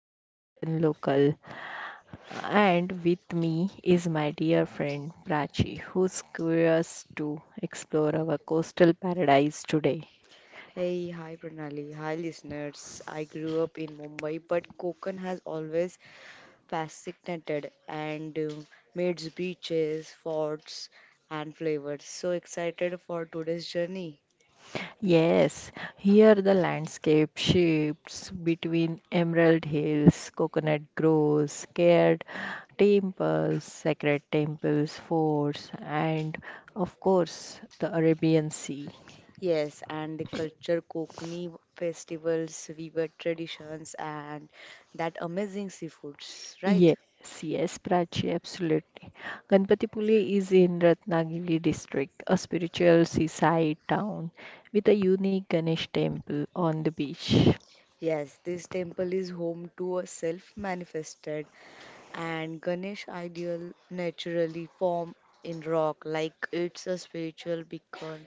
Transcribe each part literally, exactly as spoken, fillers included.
your Kokan local, and with me is my dear friend Prachi, who's curious to explore our coastal paradise today. Hey, hi Pranali, hi listeners. I grew up in Mumbai, but Konkan has always fascinated and uh, made its beaches, forts, and flavors. So excited for today's journey. Yes, here the landscape shifts between emerald hills, coconut groves, scared temples, sacred temples, forts, and of course the Arabian Sea. Yes, and the culture, Kokani festivals, weaver traditions, and that amazing seafoods, right? Yes, yes, Prachi, absolutely. Ganpatipule is in Ratnagiri district, a spiritual seaside town with a unique Ganesh temple on the beach. Yes, this temple is home to a self manifested and Ganesh ideal naturally form in rock like it's a spiritual beacon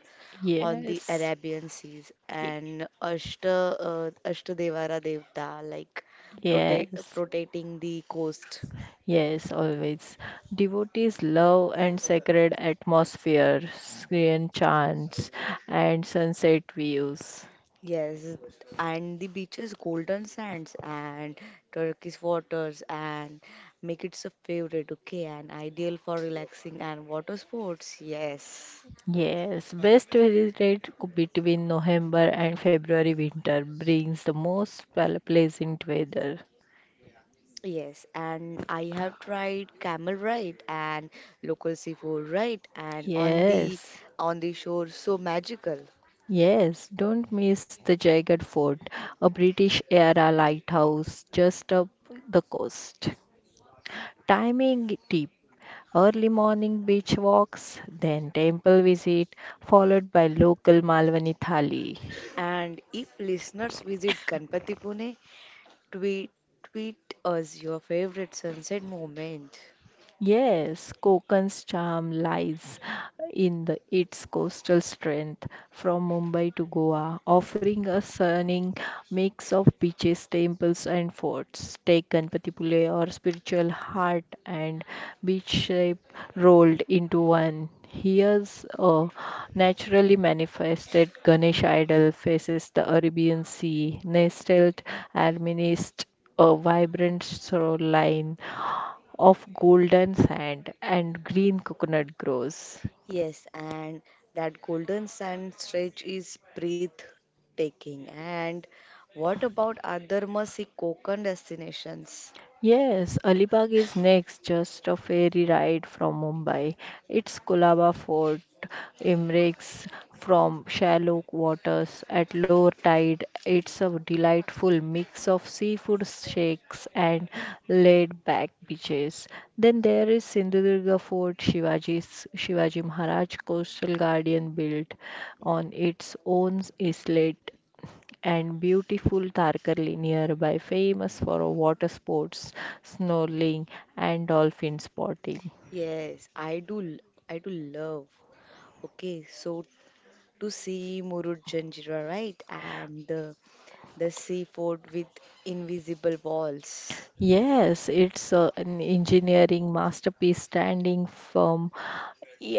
on the Yes, Arabian seas ye- and Ashta uh, Ashtadevara Devta like protect yes, protecting the coast. yes, always. Devotees love and sacred atmosphere, Korean chants, and sunset views. Yes, and the beaches, golden sands and turquoise waters and make it a favorite, okay, and ideal for relaxing and water sports. Yes. Yes, best rate between November and February winter brings the most pl- pleasant weather. Yes, and I have tried camel ride and local seafood ride and on the Yes, on the shore so magical. yes, don't miss the Jagged Fort, a British era lighthouse just up the coast. Timing tip early morning beach walks, then temple visit, followed by local Malwani thali. And if listeners visit Ganpati Pune, tweet tweet us your favorite sunset moment. Yes, Konkan's charm lies in the, its coastal strength from Mumbai to Goa, offering a stunning mix of beaches, temples, and forts. Take Ganpatipule, or spiritual heart and beach shape rolled into one. Here's a naturally manifested Ganesh idol faces the Arabian Sea, nestled amidst a vibrant shoreline of golden sand and green coconut groves. Yes, and that golden sand stretch is breathtaking. And what about other must-see Konkan destinations? Yes, Alibag is next, just a ferry ride from Mumbai. It's Colaba Fort emanates from shallow waters at low tide. It's a delightful mix of seafood shakes and laid-back beaches. Then there is Sindhudurga Fort, Shivaji's Shivaji Maharaj Coastal Guardian built on its own islet and beautiful Tarkarli nearby famous for water sports, snorkeling and dolphin spotting. Yes, I do. l- I do love. Okay, so to see Murud Janjira, right? And the, the seafood with invisible walls. Yes, it's a- an engineering masterpiece standing firm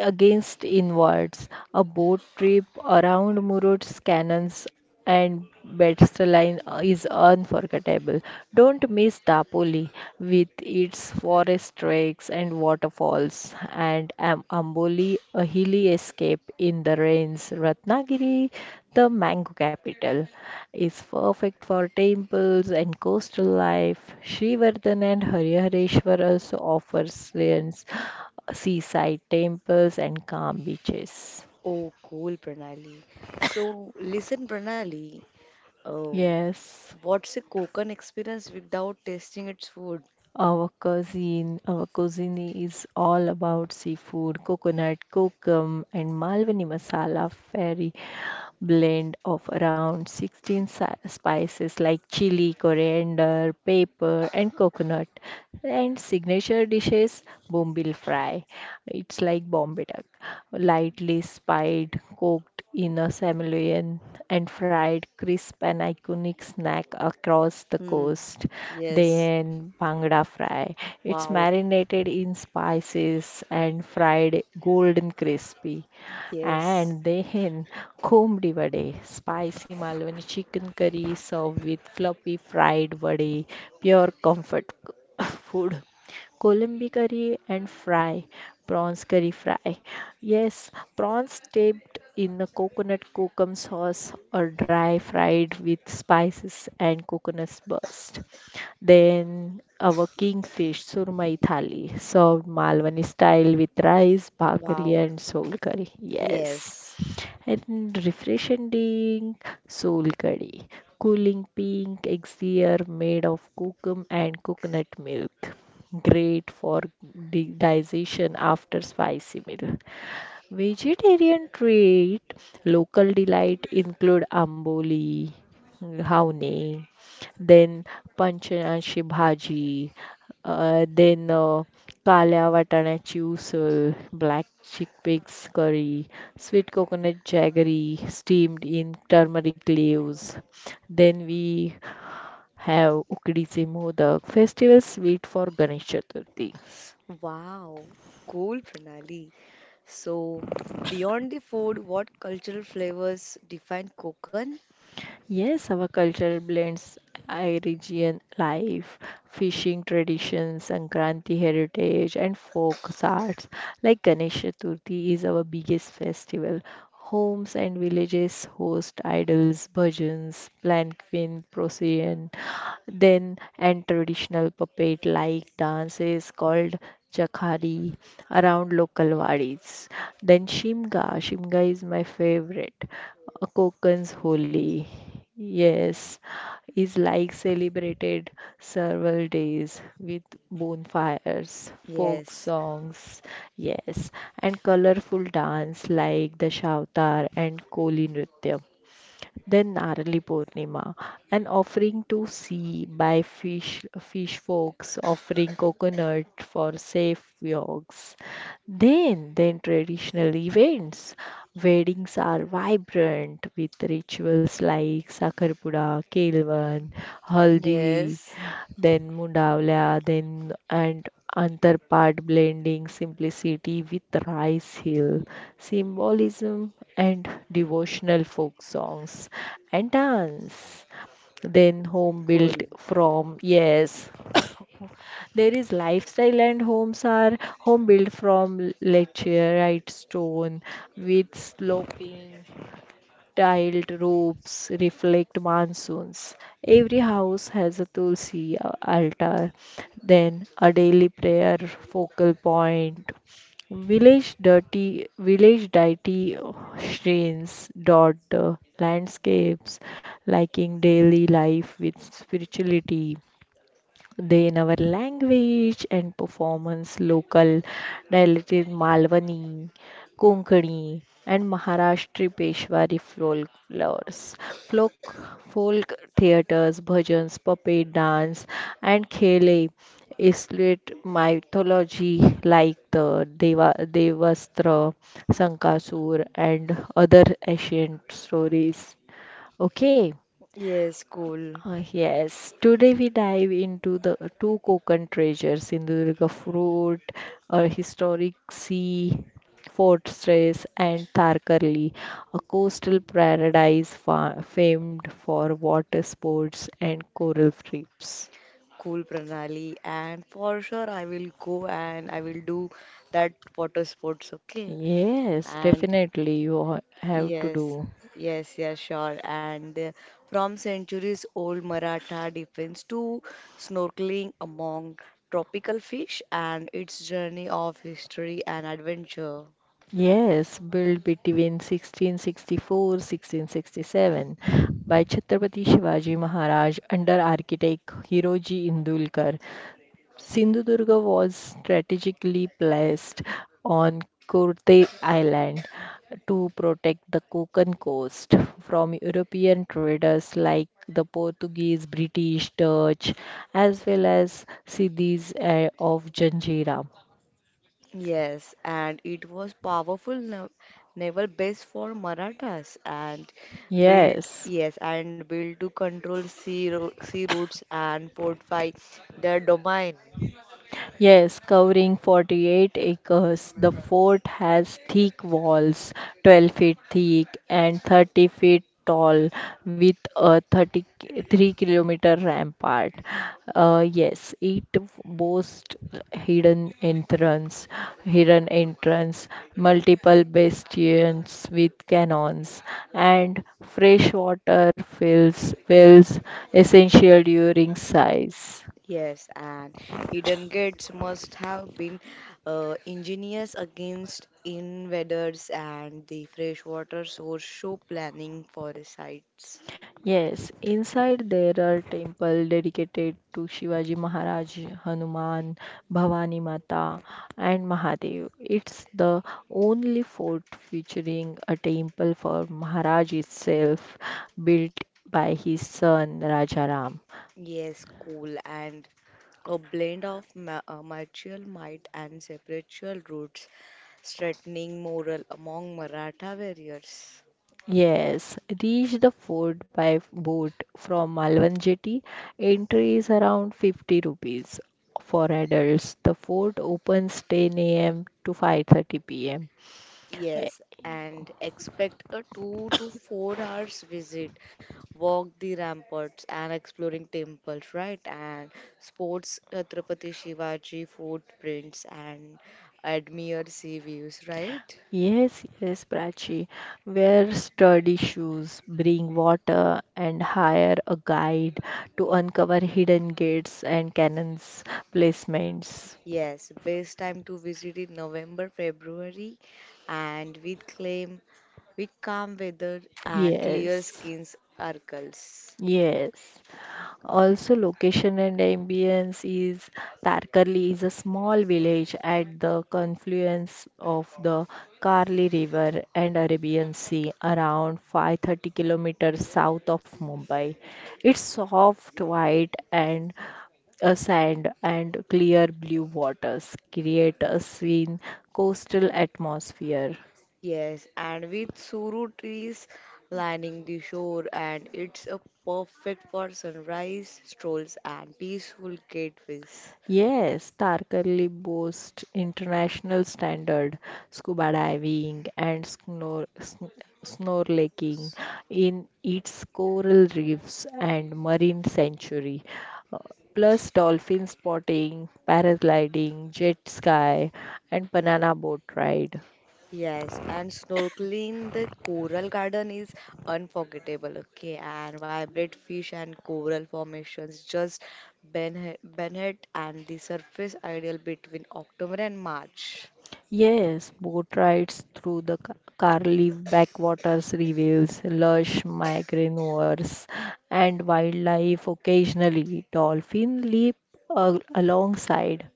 against inwards, a boat trip around Mururo's cannons and Battleline is unforgettable. Don't miss Dapoli with its forest treks and waterfalls, and Am- Amboli, a hilly escape in the rains. Ratnagiri, the mango capital, is perfect for temples and coastal life. Srivardhan and Harihareshwar also offers ruins seaside temples and calm beaches. Oh, cool, Pranali. So, listen, Pranali, oh, Yes, what's a Konkan experience without tasting its food? our cuisine, our cuisine is all about seafood, coconut, kokum, and Malwani masala, very blend of around sixteen si- spices like chili, coriander, pepper, and coconut. And signature dishes, bombil fry. It's like Bombay duck, lightly spiced, cooked in a simoleon and fried, crisp and iconic snack across the Hmm. coast. Yes. Then bangda fry. It's Wow. marinated in spices and fried golden crispy. Yes. And then combed vade, spicy Malwani chicken curry served with fluffy fried vade, pure comfort food. Colombi curry and fry, prawns curry fry. Yes, prawns dipped in the coconut kokum sauce or dry fried with spices and coconut burst. Then our kingfish surmai thali, served Malwani style with rice, bhakri, Wow. and soul curry. Yes, Yes. and refreshing soul curry, cooling pink elixir made of cocoa and coconut milk. Great for di- digestion after spicy meal. Vegetarian treat local delight include amboli, havne, then panchanashi bhaji, uh, then uh, काल्या वाटाण्याची usal, black chickpeas curry, sweet coconut jaggery steamed in turmeric leaves. Then we have ukdice modak, festival sweet for Ganesh Chaturthi. Wow, cool, Pranali. So, beyond the food, what cultural flavors define Konkan? Yes, our culture blends Irigian life, fishing traditions, Sankranti heritage, and folk arts. Like Ganesh Chaturthi is our biggest festival. Homes and villages host idols, bhajans, planquin, procession. Then, and traditional puppet like dance is called Jakhari around local wadis. Then, Shimga. Shimga is my favorite. Uh, Kokan's Holi. Yes, is like celebrated several days with bonfires, folk Yes. songs, yes, and colorful dance like the Shavtar and Koli Nritya then Narali Purnima, an offering to sea by fish, fish folks offering coconut for safe yogs. Then, then traditional events. Weddings are vibrant with rituals like Sakarpura, Kelvan, Haldi, Yes. then Mundavla, then and Antarpat blending simplicity with rice hill symbolism, and devotional folk songs and dance. Then home built Cool. from, yes, there is lifestyle and homes are home built from lecharite stone with sloping tiled roofs reflect monsoons. Every house has a tulsi a- altar, then a daily prayer focal point. Village dirty, village deity shrines dot the landscapes, liking daily life with spirituality. They in our language and performance, local dialects, Malwani, Konkani, and Maharashtri Peshwari folklores, folk, folk theatres, bhajans, puppet dance, and khele islate mythology like the Deva, Devastra, Sankasur, and other ancient stories. Okay. Yes, cool. Uh, yes, today we dive into the two Konkan treasures, Sindhudurga Fort, a historic sea fortress, and Tharkarli, a coastal paradise fa famed for water sports and coral reefs. Cool, Pranali. And for sure, I will go and I will do that water sports, okay? Yes, And definitely you ha- have to yes, do. yes, yes, sure. And uh, from centuries old Maratha defense to snorkeling among tropical fish and its journey of history and adventure. Yes, built between sixteen sixty-four sixteen sixty-seven by Chhatrapati Shivaji Maharaj under architect Hiroji Indulkar. Sindhudurga was strategically placed on Kurte Island to protect the Konkan coast from European traders like the Portuguese, British, Dutch, as well as Siddhis uh, of Janjira. Yes, and it was powerful, nav- naval base for Marathas, and built Yes. yes, and built to control sea ro sea routes and fortify their domain. Yes, covering forty-eight acres, the fort has thick walls, twelve feet thick and thirty feet tall, with a thirty-three-kilometer rampart. Uh, yes, it boasts hidden entrance, hidden entrance, multiple bastions with cannons, and freshwater fills wells essential during size. Yes, and hidden gates must have been uh, ingenious against invaders, and the freshwater source show planning for the sites. Yes, inside there are temple dedicated to Shivaji Maharaj, Hanuman, Bhavani Mata, and Mahadev. It's the only fort featuring a temple for Maharaj itself, built by his son Rajaram. Yes, cool, and a blend of ma uh, martial might and spiritual roots threatening morale among Maratha warriors. Yes, reach the fort by boat from Malvan Jetty. Entry is around fifty rupees for adults. The fort opens ten a m to five thirty p m. Yes, and expect a two to four hours visit. Walk the ramparts and exploring temples, right? And sports Chhatrapati Shivaji footprints and admire sea views, right? Yes, yes, Prachi. Wear sturdy shoes, bring water, and hire a guide to uncover hidden gates and cannons placements. Yes, best time to visit in November, February, and with claim with calm weather and clear Yes, skins circles. yes. Also, location and ambience is Tarkarli is a small village at the confluence of the Karli River and Arabian Sea, around five hundred thirty kilometers south of Mumbai. It's soft white and uh, sand and clear blue waters create a serene coastal atmosphere. Yes, and with suru trees lining the shore, and it's a perfect for sunrise strolls and peaceful gateways. Yes, Tarkarli boasts international standard scuba diving and snor sn- snorkeling in its coral reefs and marine sanctuary, uh, plus dolphin spotting, paragliding, jet ski, and banana boat ride. Yes, and snorkeling the coral garden is unforgettable. Okay, and vibrant fish and coral formations just benefit and the surface ideal between October and March. Yes, boat rides through the Ca- Carlif backwaters reveals lush mangroves and wildlife. Occasionally, dolphin leap a- alongside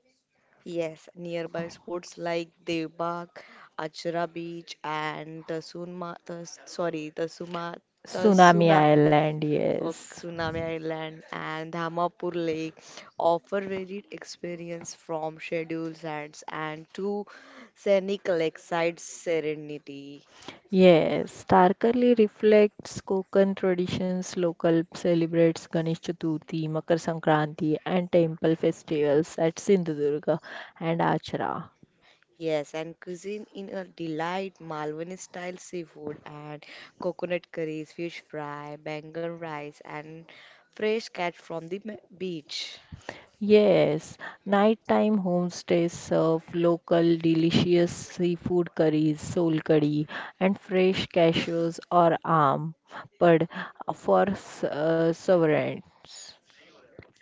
Yes, nearby sports like Debak, Achra Beach, and the Sunma, the, sorry, the Suma, the Tsunami Suna, Island. oh, Yes, Tsunami Island, and Dhamapur Lake offer varied experience from scheduled sites and to scenic lakeside serenity. yes, starkly reflects Konkan traditions. Local celebrates Ganesh Chaturthi, Makar Sankranti, and temple festivals at Sindhudurga and Achra. Yes, and cuisine in a delight, Malwani style seafood and coconut curries, fish fry, bangan rice, and fresh catch from the ma- beach. Yes, nighttime homestays serve local delicious seafood curries, soul curry, and fresh cashews or alm pad for s- uh, sovereigns.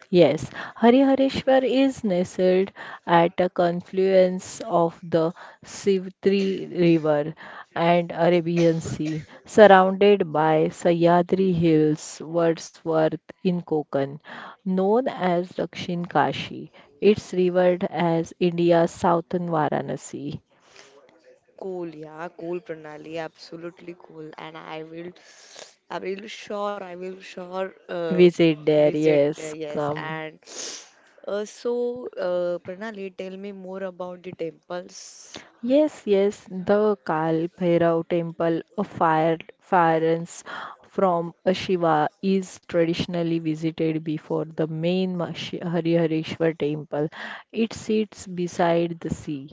Yes, Harihareshwar is nestled at a confluence of the Sivtri River and Arabian Sea, surrounded by Sahyadri Hills, Wordsworth in Konkan, known as Dakshin Kashi. It's revered as India's southern Varanasi. Cool, yeah, cool, Pranali, absolutely cool. And I will, I will sure, I will sure uh, Visit there, visit there, yes, yes. come. And uh, so, uh, Pranali, tell me more about the temples. Yes, yes, the Kal Bhairav temple of fire, fires from a Shiva is traditionally visited before the main Mashi- Harihareshwar temple. It sits beside the sea,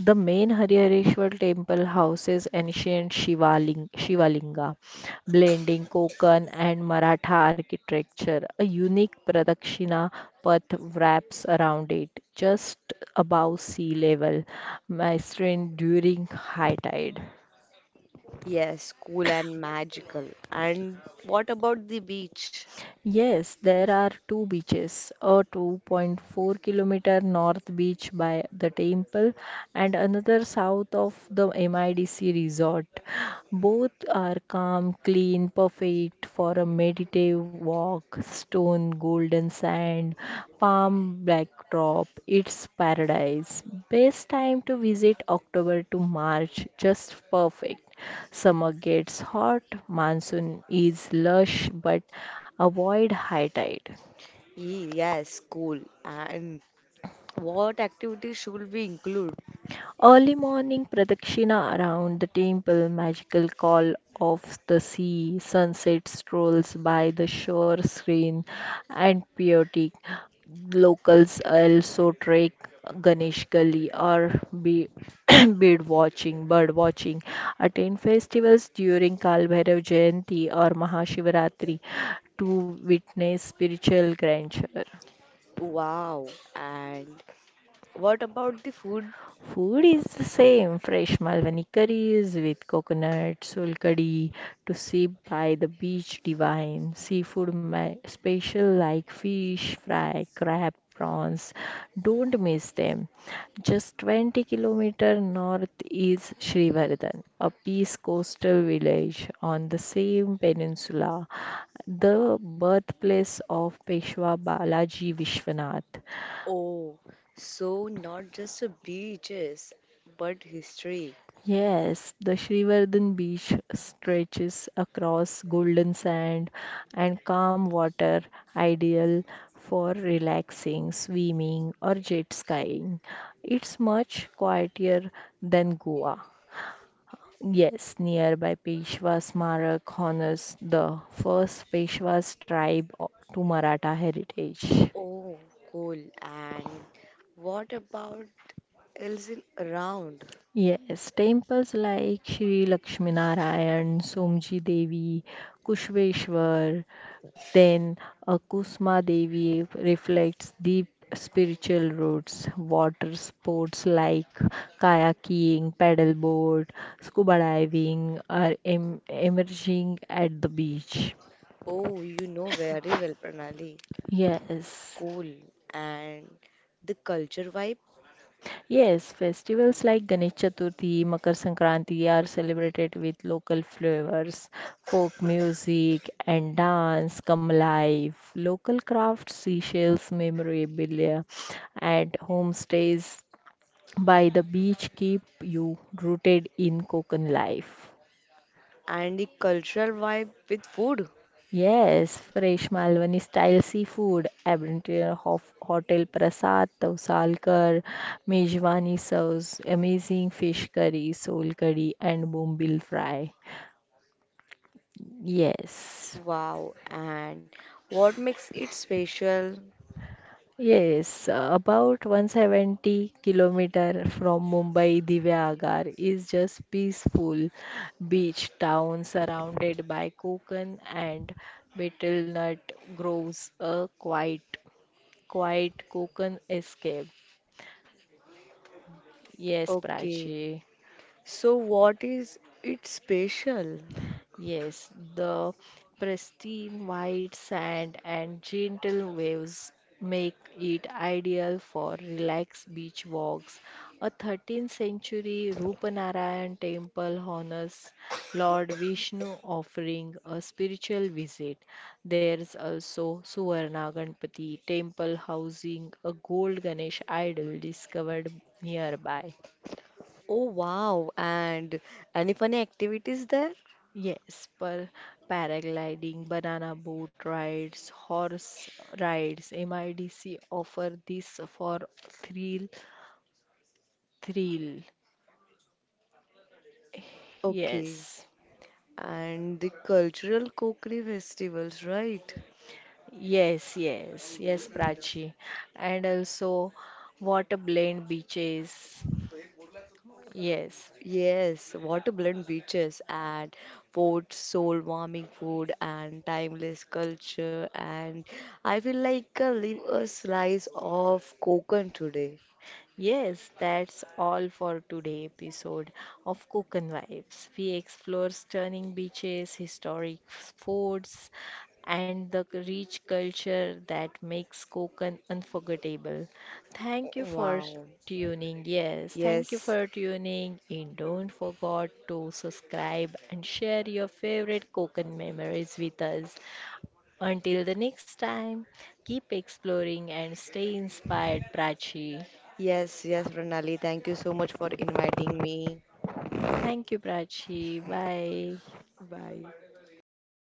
the main Harihareshwar temple houses ancient Shivaling Shivalinga, blending Konkan and Maratha architecture. A unique Pradakshina path wraps around it, just above sea level, mastering during high tide. Yes, cool and magical. And what about the beach? Yes, there are two beaches, a two point four kilometer north beach by the temple and another south of the M I D C resort. Both are calm, clean, perfect for a meditative walk, stone, golden sand, palm backdrop. It's paradise. Best time to visit October to March, just perfect. Summer gets hot, monsoon is lush, but avoid high tide. Ye- Yes, cool. And what activities should we include? Early morning pradakshina around the temple, magical call of the sea, sunset strolls by the shore screen, and chaotic. Locals also trek Ganesh Gully or be bird watching, bird watching, attend festivals during Kal Bhairav Jayanti or Mahashivaratri to witness spiritual grandeur. Wow. And what about the food? Food is the same fresh Malwani curries with coconut, solkadi to sip by the beach divine, seafood ma- special like fish, fry, crab, prawns. Don't miss them. Just twenty kilometer north is Srivardhan, a peace coastal village on the same peninsula, the birthplace of Peshwa Balaji Vishwanath. Oh, so not just the beaches, but history. Yes, the Srivardhan beach stretches across golden sand and calm water, ideal for relaxing, swimming, or jet skiing. It's much quieter than Goa. Yes, nearby Peshwa Smarak honors the first Peshwa's tribe o- to Maratha heritage. Oh, cool. And what about else in around? Yes, temples like Shri Lakshminarayan, Somji Devi, Kushveshwar, then uh, Kusma Devi reflects deep spiritual roots. Water sports like kayaking, paddleboard, scuba diving are em- emerging at the beach. Oh, you know very well, Pranali. Yes. Cool. And the culture vibe Yes, festivals like Ganesh Chaturthi, Makar Sankranti are celebrated with local flavors, folk music and dance come alive. Local crafts, seashells, memorabilia, and homestays by the beach keep you rooted in Konkan life. and the cultural vibe with food. Yes, fresh Malwani style seafood, abundant of hotel prasad, Tausalkar, kar, mejwani serves amazing fish curry, soul curry, and bombil fry. Yes, Wow. And what makes it special? yes, uh, about one hundred seventy kilometer from Mumbai, Divya Agar is just peaceful beach town surrounded by coconut and betel nut groves, a quiet, quiet coconut escape. Yes, Okay. Prachi. So what is it special? Yes, the pristine white sand and gentle waves make it ideal for relaxed beach walks. A thirteenth century Rupanarayan temple honors Lord Vishnu, offering a spiritual visit. There's also Suvarna Ganpati temple housing a gold Ganesh idol discovered nearby. Oh wow. And any funny activities there? Yes, per paragliding, banana boat rides, horse rides, M I D C offer this for thrill, thrill. Okay. Yes, And the cultural Kokri festivals, right? yes, yes, yes, Prachi. And also water blend beaches. Yes, Yes, water blend beaches and forts, soul warming food and timeless culture. And I feel like uh, leave a slice of Kokon today. yes, that's all for today episode of Cook and Vibes. We explore stunning beaches, historic forts, and the rich culture that makes Konkan unforgettable. Thank you for Wow. tuning. Yes, thank you Yes, for tuning in. Don't forget to subscribe and share your favorite Konkan memories with us. Until the next time, keep exploring and stay inspired, Prachi. yes, yes, Pranali. Thank you so much for inviting me. Thank you, Prachi. Bye. Bye.